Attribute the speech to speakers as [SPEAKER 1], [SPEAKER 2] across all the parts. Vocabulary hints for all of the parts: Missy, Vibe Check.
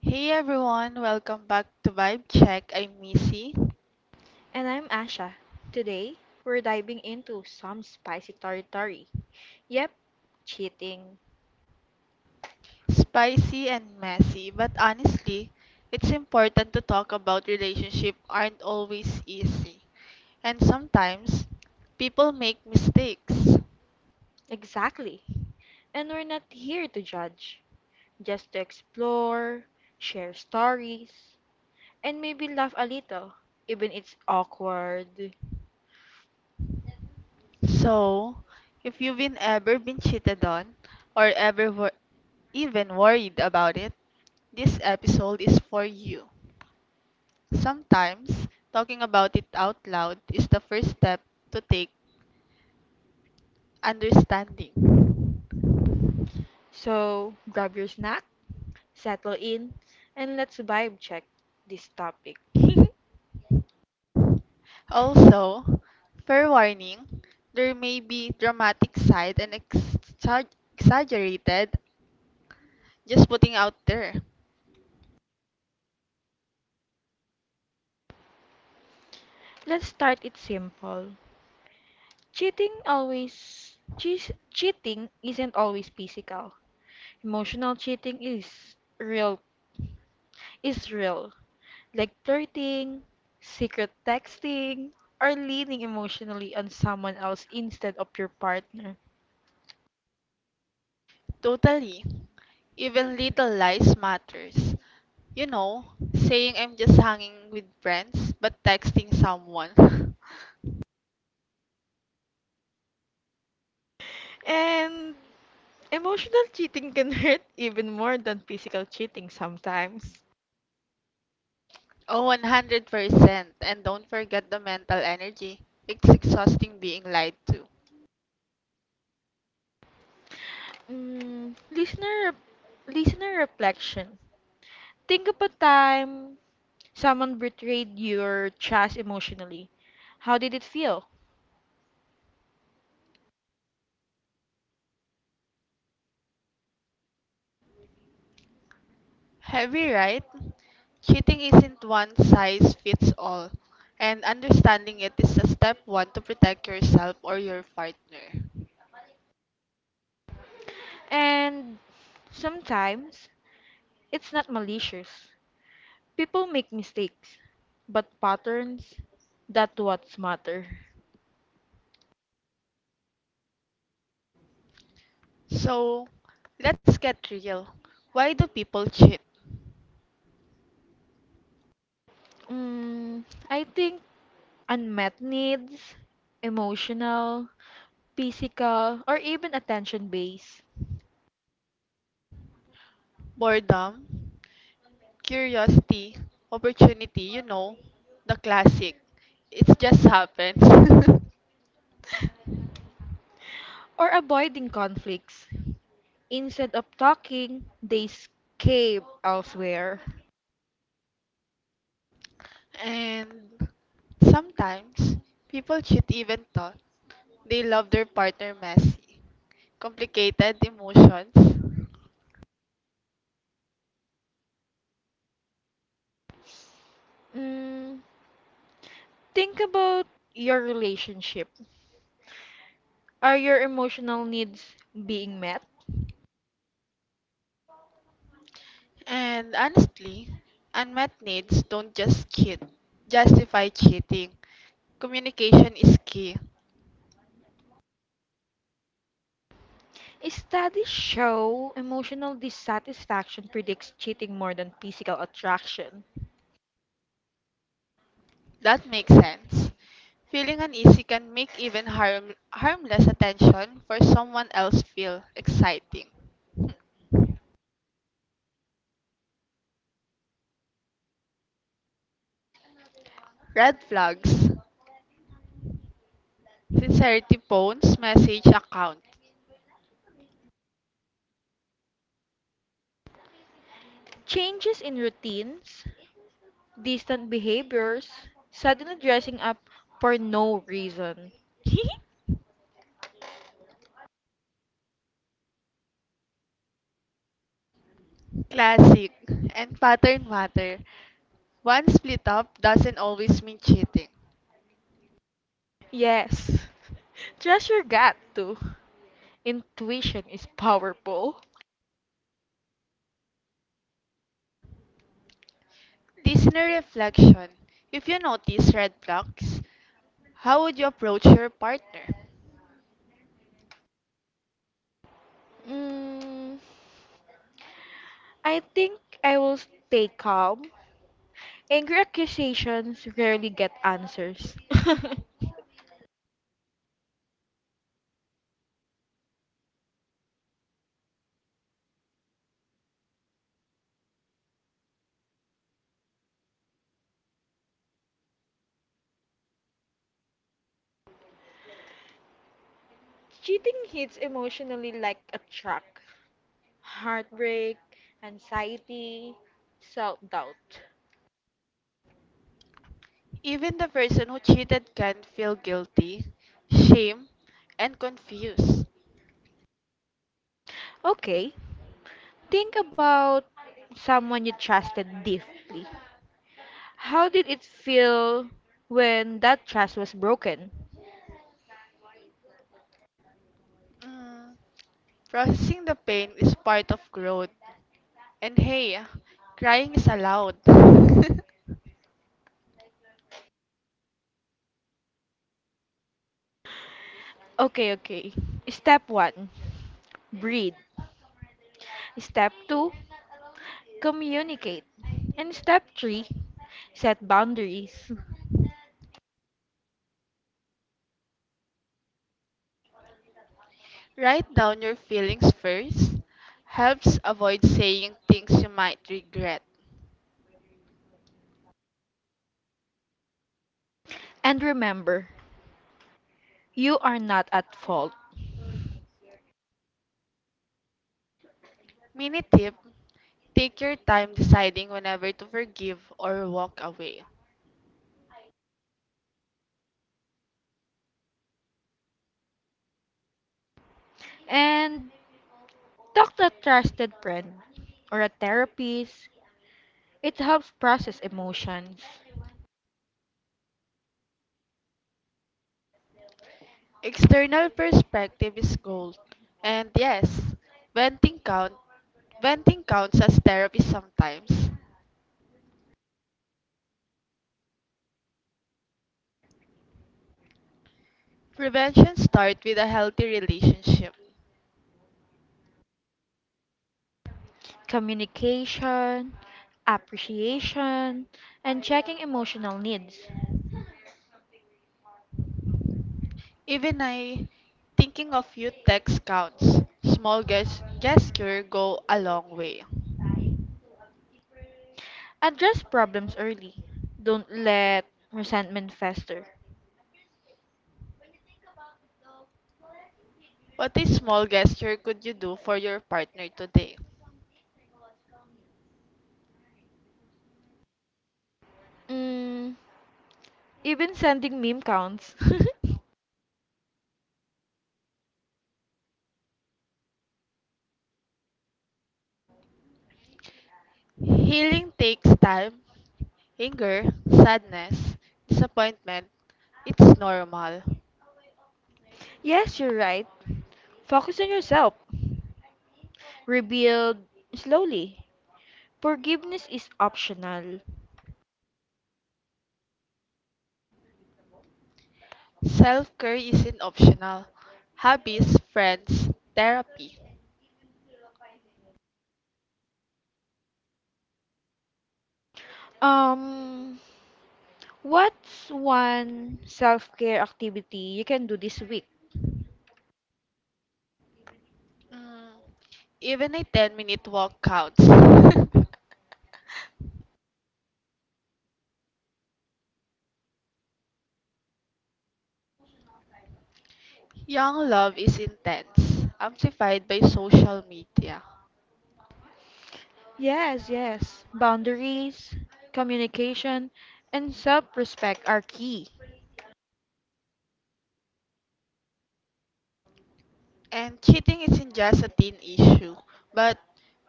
[SPEAKER 1] Hey everyone, welcome back to Vibe Check. I'm Missy.
[SPEAKER 2] And I'm Asha. Today, we're diving into some spicy territory. Yep, cheating.
[SPEAKER 1] Spicy and messy, but honestly, it's important to talk about relationship aren't always easy. And sometimes people make mistakes.
[SPEAKER 2] Exactly. And we're not here to judge, just to explore, share stories, and maybe laugh a little, even it's awkward.
[SPEAKER 1] So, if you've been ever been cheated on or ever even worried about it, this episode is for you. Sometimes talking about it out loud is the first step to take understanding.
[SPEAKER 2] So, grab your snack, settle in, and let's vibe check this topic.
[SPEAKER 1] Also, fair warning, there may be dramatic side and exaggerated just putting out there.
[SPEAKER 2] Let's start it simple. Cheating cheating isn't always physical. Emotional cheating is real. Like flirting, secret texting, or leaning emotionally on someone else instead of your partner.
[SPEAKER 1] Totally. Even little lies matters. You know, saying I'm just hanging with friends but texting someone.
[SPEAKER 2] And emotional cheating can hurt even more than physical cheating sometimes.
[SPEAKER 1] 100%. And don't forget the mental energy. It's exhausting being lied to.
[SPEAKER 2] Mm, listener, Listener reflection. Think of a time someone betrayed your trust emotionally. How did it feel?
[SPEAKER 1] Heavy, right? Cheating isn't one size fits all, and understanding it is a step one to protect yourself or your partner.
[SPEAKER 2] And sometimes it's not malicious. People make mistakes, but patterns, that what's matter.
[SPEAKER 1] So, let's get real. Why do people cheat?
[SPEAKER 2] Mm, I think unmet needs, emotional, physical, or even attention based,
[SPEAKER 1] Boredom, curiosity, opportunity, you know, the classic. It just happens.
[SPEAKER 2] or avoiding conflicts. Instead of talking, they escape elsewhere.
[SPEAKER 1] And sometimes people cheat even though they love their partner messy. Complicated emotions,
[SPEAKER 2] Mm, think about your relationship. Are your emotional needs being met?
[SPEAKER 1] and honestly, unmet needs don't just cheat, justify cheating. Communication is key.
[SPEAKER 2] Studies show emotional dissatisfaction predicts cheating more than physical attraction.
[SPEAKER 1] That makes sense. Feeling uneasy can make even harmless attention for someone else feel exciting. Red flags. Sincerity phones, message account.
[SPEAKER 2] Changes in routines, distant behaviors, suddenly dressing up for no reason.
[SPEAKER 1] Classic. And pattern matter. One split up doesn't always mean cheating.
[SPEAKER 2] Yes, trust your gut too. Intuition is powerful.
[SPEAKER 1] Listener reflection. If you notice red flags, how would you approach your partner?
[SPEAKER 2] Mm, I think I will stay calm. Angry accusations rarely get answers. Cheating hits emotionally like a truck. Heartbreak, anxiety, self doubt.
[SPEAKER 1] Even the person who cheated can feel guilty, shame, and confused.
[SPEAKER 2] Okay, think about someone you trusted deeply. How did it feel when that trust was broken?
[SPEAKER 1] Mm, processing the pain is part of growth. And hey, crying is allowed.
[SPEAKER 2] Okay, okay. Step 1, breathe. Step 2, communicate. And step 3, set boundaries.
[SPEAKER 1] Write down your feelings first. Helps avoid saying things you might regret.
[SPEAKER 2] And remember, you are not at fault.
[SPEAKER 1] Mini tip. Take your time deciding whenever to forgive or walk away.
[SPEAKER 2] And talk to a trusted friend or a therapist. It helps process emotions,
[SPEAKER 1] External perspective is gold. And yes, venting count venting counts as therapy sometimes. Prevention starts with a healthy relationship.
[SPEAKER 2] communication, appreciation, and checking emotional needs.
[SPEAKER 1] Even I thinking of you text counts. Small gesture go a long way.
[SPEAKER 2] Address problems early. Don't let resentment fester.
[SPEAKER 1] What a small gesture could you do for your partner today?
[SPEAKER 2] Mm, Even sending meme counts.
[SPEAKER 1] Healing takes time, anger, sadness, disappointment. It's normal.
[SPEAKER 2] Yes, you're right. Focus on yourself. Rebuild slowly. Forgiveness is optional.
[SPEAKER 1] Self care isn't optional. Hobbies, friends, therapy.
[SPEAKER 2] Um, what's one self-care activity you can do this week?
[SPEAKER 1] Mm, even a 10-minute walk counts. Young love is intense, amplified by social media.
[SPEAKER 2] Yes, yes. Boundaries, communication, and self-respect are key.
[SPEAKER 1] And cheating isn't just a teen issue, but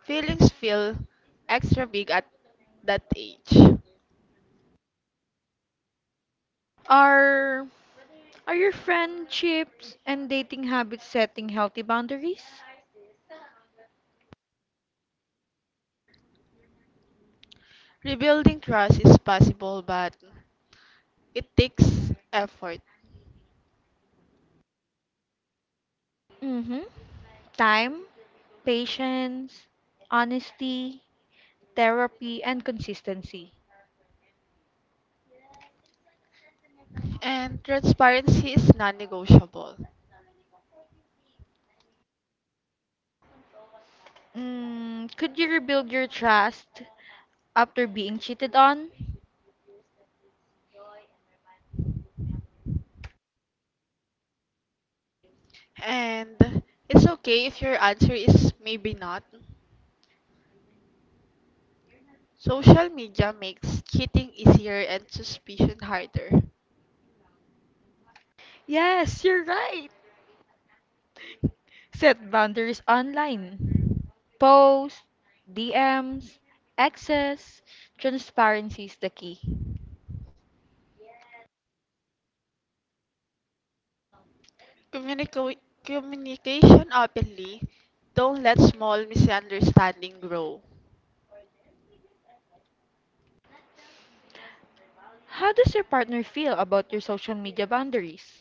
[SPEAKER 1] feelings feel extra big at that age.
[SPEAKER 2] Are are your friendships and dating habits setting healthy boundaries?
[SPEAKER 1] Rebuilding trust is possible, but it takes effort.
[SPEAKER 2] Mm-hmm. Time, patience, honesty, therapy, and consistency.
[SPEAKER 1] And transparency is non negotiable.
[SPEAKER 2] Could you rebuild your trust after being cheated on?
[SPEAKER 1] And it's okay if your answer is maybe not. Social media makes cheating easier and suspicion harder.
[SPEAKER 2] Yes, you're right. Set boundaries online. Posts, DMs, access, transparency is the key.
[SPEAKER 1] Communica- Communication openly. Don't let small misunderstanding grow.
[SPEAKER 2] How does your partner feel about your social media boundaries?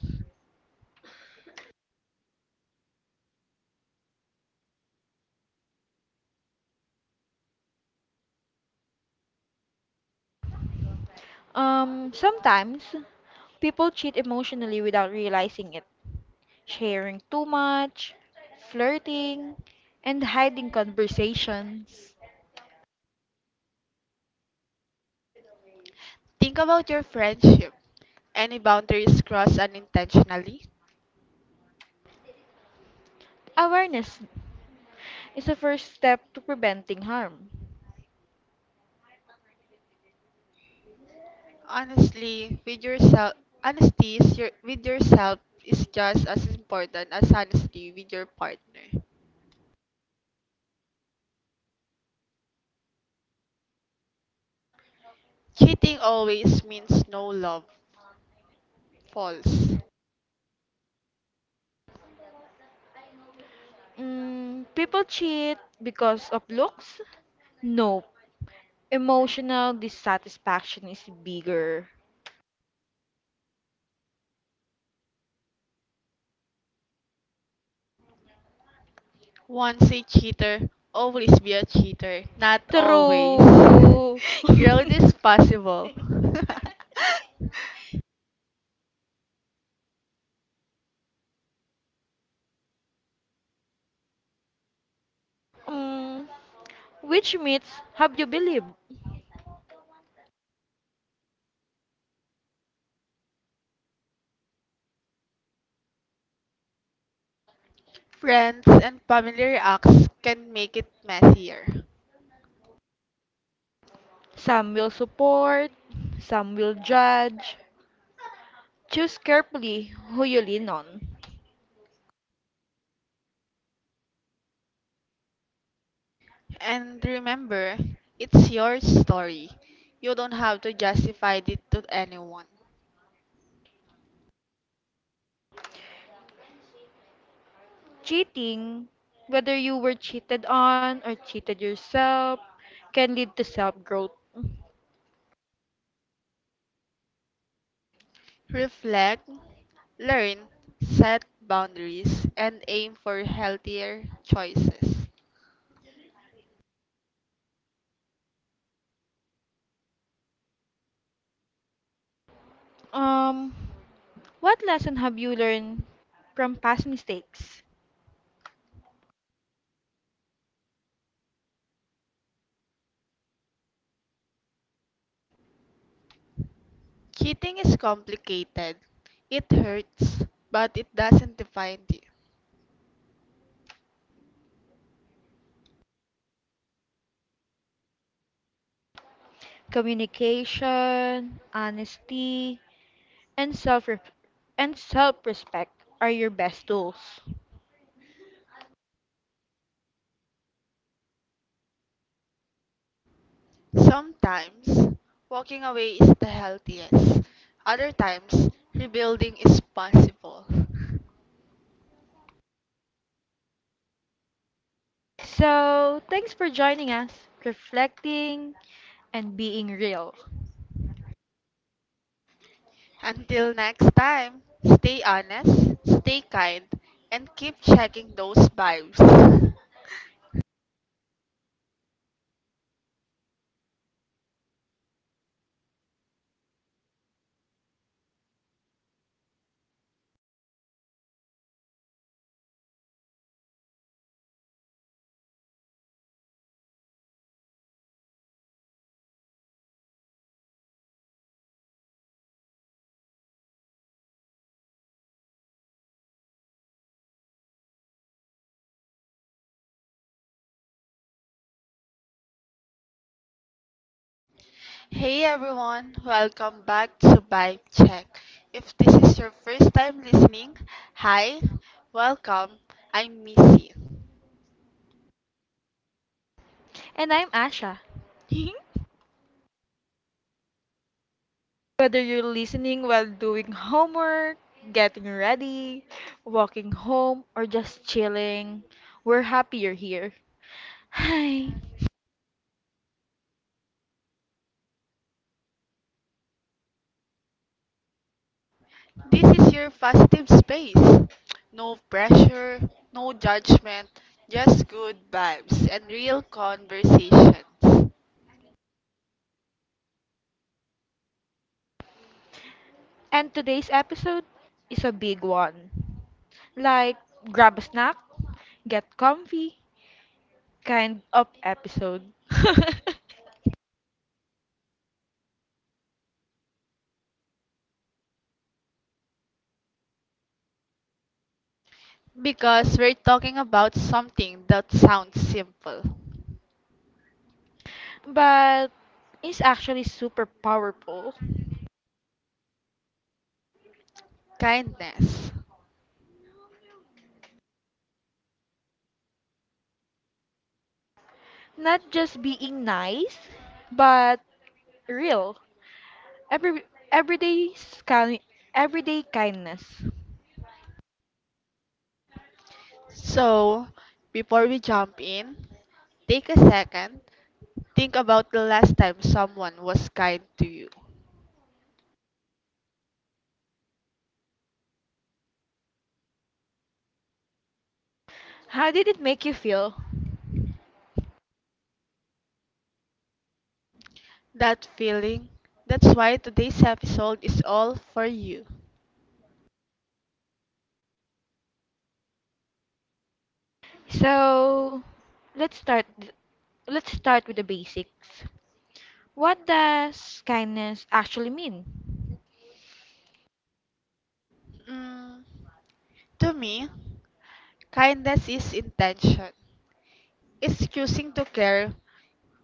[SPEAKER 2] Sometimes people cheat emotionally without realizing it, sharing too much, flirting, and hiding conversations.
[SPEAKER 1] Think about your friendship. Any boundaries crossed unintentionally?
[SPEAKER 2] Awareness is the first step to preventing harm.
[SPEAKER 1] Honestly, with yourself, honesty is your, with yourself is just as important as honesty with your partner. Cheating always means no love. False.
[SPEAKER 2] People cheat because of looks? No, emotional dissatisfaction is bigger.
[SPEAKER 1] Once a cheater, always be a cheater. Not always.
[SPEAKER 2] True.
[SPEAKER 1] Growth is possible.
[SPEAKER 2] Mm, which myths have you believed?
[SPEAKER 1] Friends and family acts can make it messier.
[SPEAKER 2] Some will support, some will judge. Choose carefully who you lean on.
[SPEAKER 1] And remember, it's your story. You don't have to justify it to anyone.
[SPEAKER 2] Cheating, whether you were cheated on or cheated yourself, can lead to self growth.
[SPEAKER 1] Reflect, learn, set boundaries, and aim for healthier choices.
[SPEAKER 2] Um, what lesson have you learned from past mistakes?
[SPEAKER 1] Cheating is complicated. It hurts, but it doesn't define you.
[SPEAKER 2] Communication, honesty, and self-respect are your best tools.
[SPEAKER 1] Sometimes, walking away is the healthiest. Other times, rebuilding is possible.
[SPEAKER 2] So, thanks for joining us, reflecting and being real.
[SPEAKER 1] Until next time, stay honest, stay kind, and keep checking those vibes. Hey everyone, welcome back to Vibe Check. If this is your first time listening, hi, welcome. I'm Missy.
[SPEAKER 2] And I'm Asha. Whether you're listening while doing homework, getting ready, walking home, or just chilling, we're happy you're here. Hi.
[SPEAKER 1] This is your positive space. No pressure, no judgment, just good vibes and real conversations.
[SPEAKER 2] And today's episode is a big one. Like, grab a snack, get comfy, kind of episode.
[SPEAKER 1] Because we're talking about something that sounds simple
[SPEAKER 2] But it's actually super powerful.
[SPEAKER 1] kindness.
[SPEAKER 2] Not just being nice, but real. Every everyday scan everyday kindness.
[SPEAKER 1] So, before we jump in, take a second, think about the last time someone was kind to you.
[SPEAKER 2] How did it make you feel?
[SPEAKER 1] That feeling, that's why today's episode is all for you.
[SPEAKER 2] So, let's start th- let's start with the basics. What does kindness actually mean?
[SPEAKER 1] Mm, to me, kindness is intention, it's choosing to care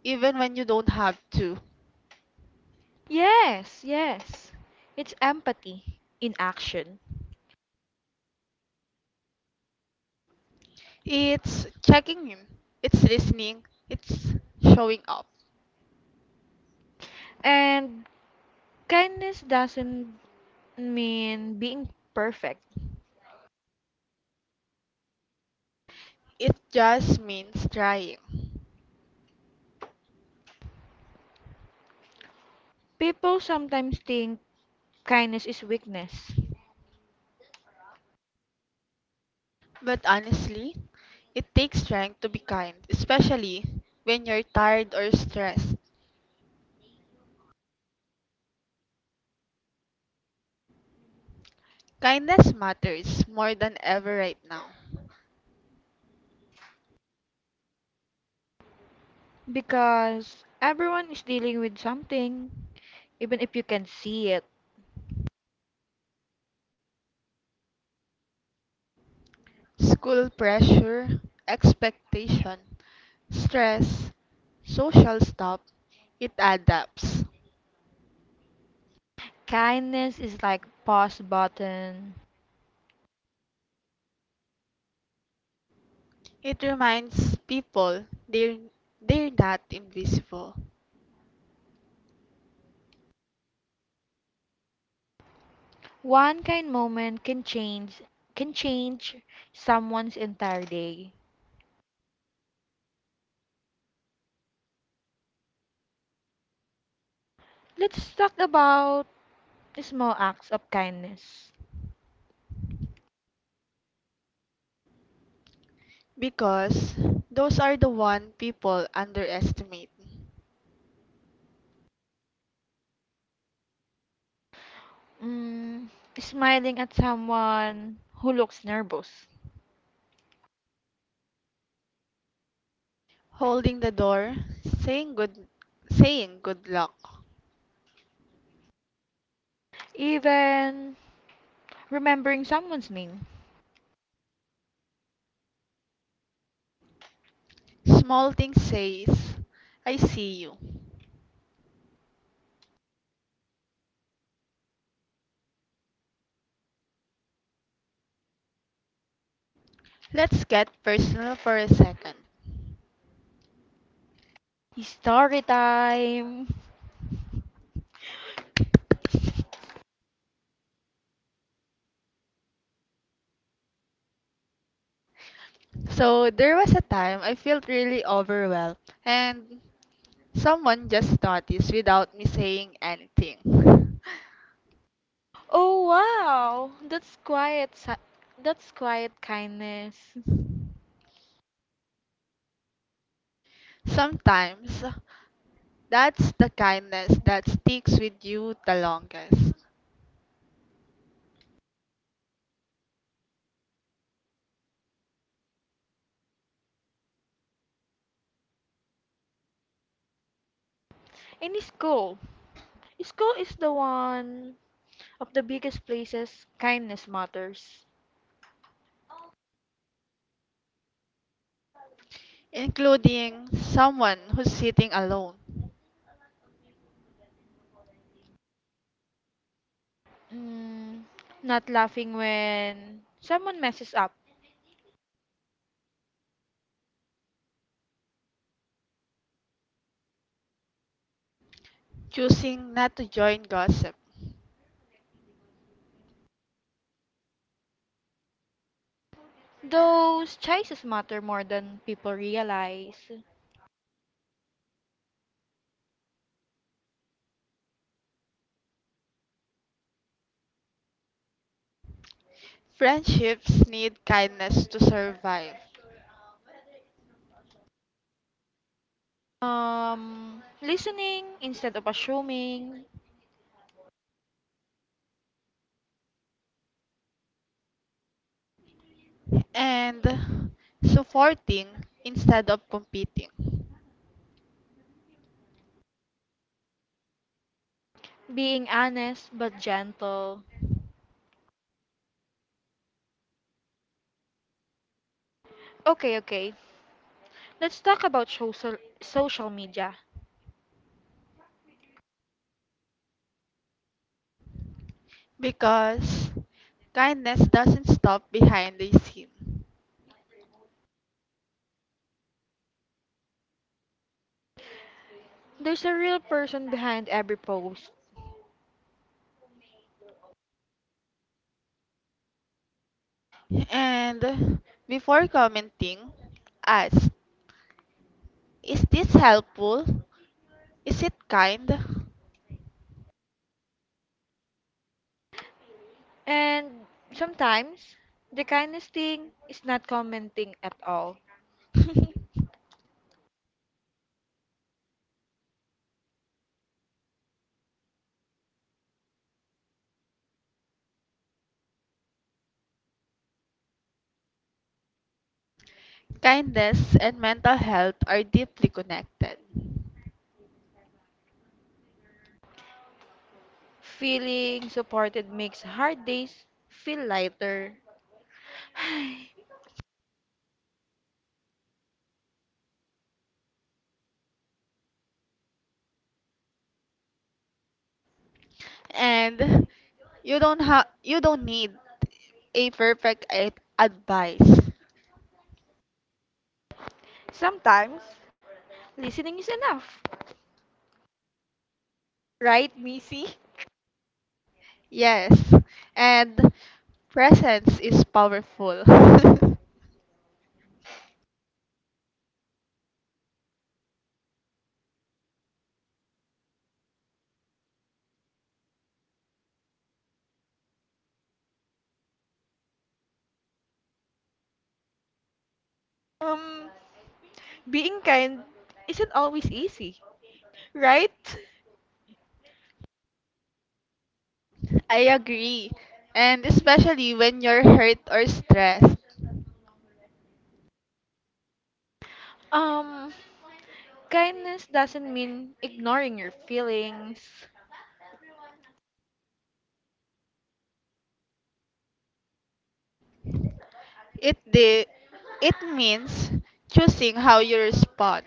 [SPEAKER 1] even when you don't have to.
[SPEAKER 2] Yes, yes. It's empathy in action.
[SPEAKER 1] It's checking in. It's listening. It's showing up.
[SPEAKER 2] And kindness doesn't mean being perfect.
[SPEAKER 1] It just means trying.
[SPEAKER 2] People sometimes think kindness is weakness
[SPEAKER 1] But honestly, it takes strength to be kind, especially when you're tired or stressed. Kindness matters more than ever right now.
[SPEAKER 2] because everyone is dealing with something, even if you can see it.
[SPEAKER 1] School pressure, expectation, stress, social stuff, it adapts.
[SPEAKER 2] Kindness is like pause button.
[SPEAKER 1] It reminds people they're not invisible.
[SPEAKER 2] One kind moment can change someone's entire day. Let's talk about small acts of kindness.
[SPEAKER 1] Because those are the one people underestimate.
[SPEAKER 2] Mm, Smiling at someone who looks nervous.
[SPEAKER 1] Holding the door, saying good saying good luck.
[SPEAKER 2] Even remembering someone's name.
[SPEAKER 1] Small thing says, I see you. Let's get personal for a second.
[SPEAKER 2] Story time.
[SPEAKER 1] So there was a time I felt really overwhelmed and someone just noticed without me saying anything.
[SPEAKER 2] Oh wow, that's quiet. That's quiet kindness.
[SPEAKER 1] Sometimes that's the kindness that sticks with you the longest.
[SPEAKER 2] In school, school is the one of the biggest places kindness matters.
[SPEAKER 1] Including someone who's sitting alone,
[SPEAKER 2] Mm, Not laughing when someone messes up.
[SPEAKER 1] choosing not to join gossip.
[SPEAKER 2] Those choices matter more than people realize.
[SPEAKER 1] Friendships need kindness to survive,
[SPEAKER 2] Listening instead of assuming.
[SPEAKER 1] and supporting instead of competing.
[SPEAKER 2] Being honest but gentle. Okay, okay. Let's talk about social media.
[SPEAKER 1] Because kindness doesn't stop behind the scene.
[SPEAKER 2] There's a real person behind every post.
[SPEAKER 1] And before commenting, ask. Is this helpful? Is it kind?
[SPEAKER 2] And sometimes the kindest thing is not commenting at all.
[SPEAKER 1] Kindness and mental health are deeply connected.
[SPEAKER 2] Feeling supported makes hard days feel lighter.
[SPEAKER 1] And you don't need a perfect advice.
[SPEAKER 2] Sometimes listening is enough. Right, Missy?
[SPEAKER 1] Yes. And presence is powerful.
[SPEAKER 2] Um Being kind isn't always easy, right?
[SPEAKER 1] I agree. And especially when you're hurt or stressed.
[SPEAKER 2] Um Kindness doesn't mean ignoring your feelings.
[SPEAKER 1] It it means choosing how you respond.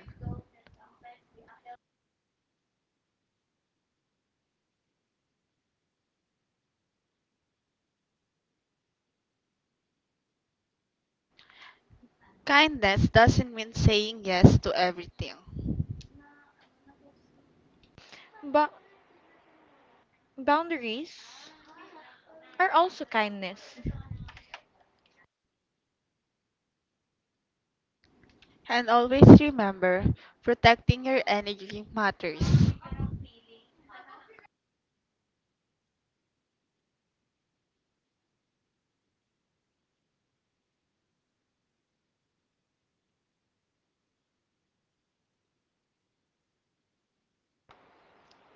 [SPEAKER 1] Kindness doesn't mean saying yes to everything.
[SPEAKER 2] But boundaries are also kindness.
[SPEAKER 1] And always remember, protecting your energy matters.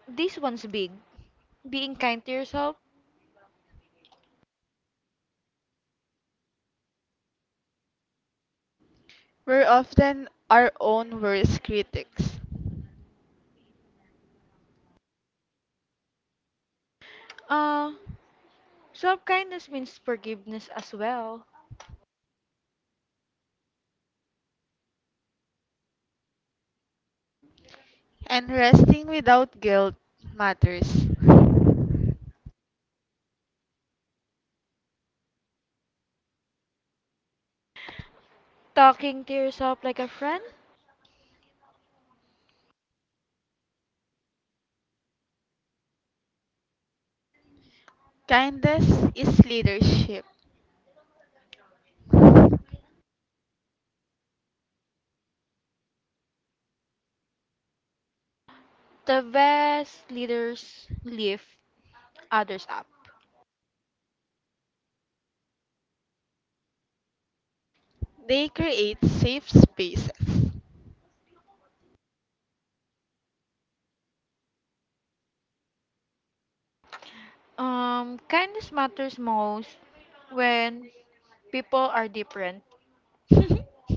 [SPEAKER 2] This one's big. Being kind to yourself.
[SPEAKER 1] We're often our own worst critics.
[SPEAKER 2] Uh, Self kindness means forgiveness as well.
[SPEAKER 1] And resting without guilt matters.
[SPEAKER 2] Talking to yourself like a friend.
[SPEAKER 1] Kindness is leadership.
[SPEAKER 2] The best leaders lift others up.
[SPEAKER 1] They create safe spaces.
[SPEAKER 2] Kindness matters most when people are different.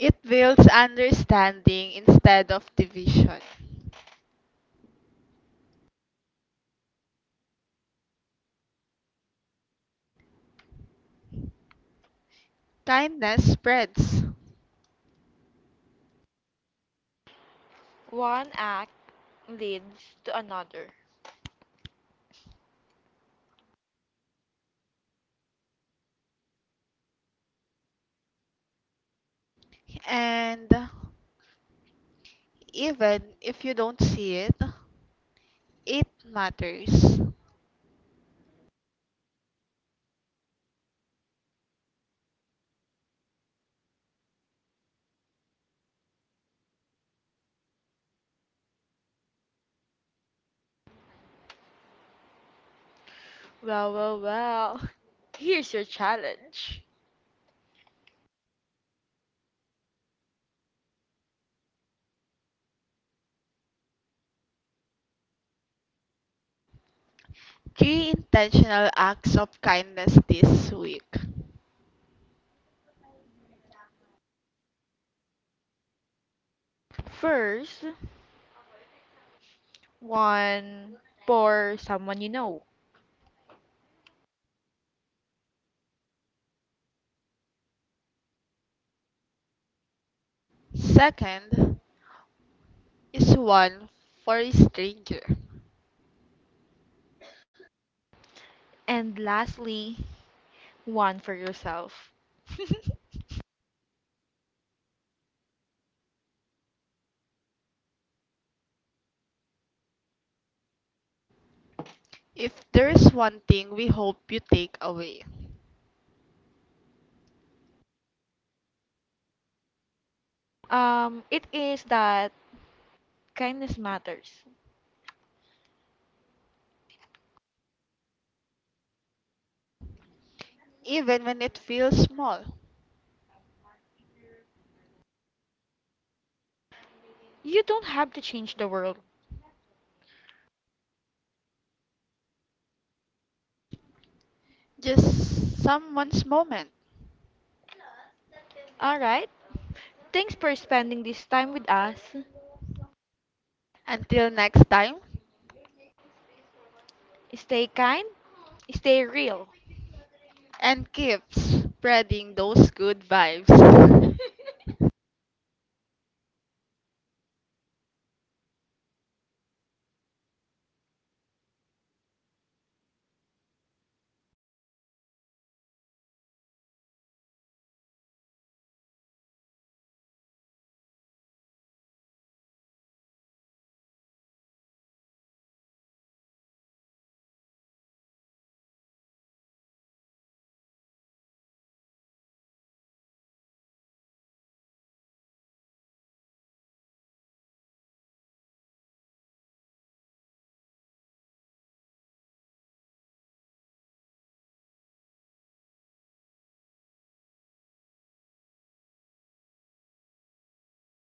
[SPEAKER 1] It builds understanding instead of division. Kindness spreads.
[SPEAKER 2] One act leads to another.
[SPEAKER 1] And even if you don't see it, it matters.
[SPEAKER 2] Well, well, well. Here's your challenge.
[SPEAKER 1] Three intentional acts of kindness this week.
[SPEAKER 2] First, one for someone you know,
[SPEAKER 1] Second is one for a stranger.
[SPEAKER 2] and lastly, one for yourself.
[SPEAKER 1] If there's one thing we hope you take away,
[SPEAKER 2] It is that kindness matters.
[SPEAKER 1] even when it feels small,
[SPEAKER 2] You don't have to change the world.
[SPEAKER 1] just someone's moment.
[SPEAKER 2] All right? Thanks for spending this time with us.
[SPEAKER 1] Until next time,
[SPEAKER 2] Stay kind, stay real.
[SPEAKER 1] and keep spreading those good vibes.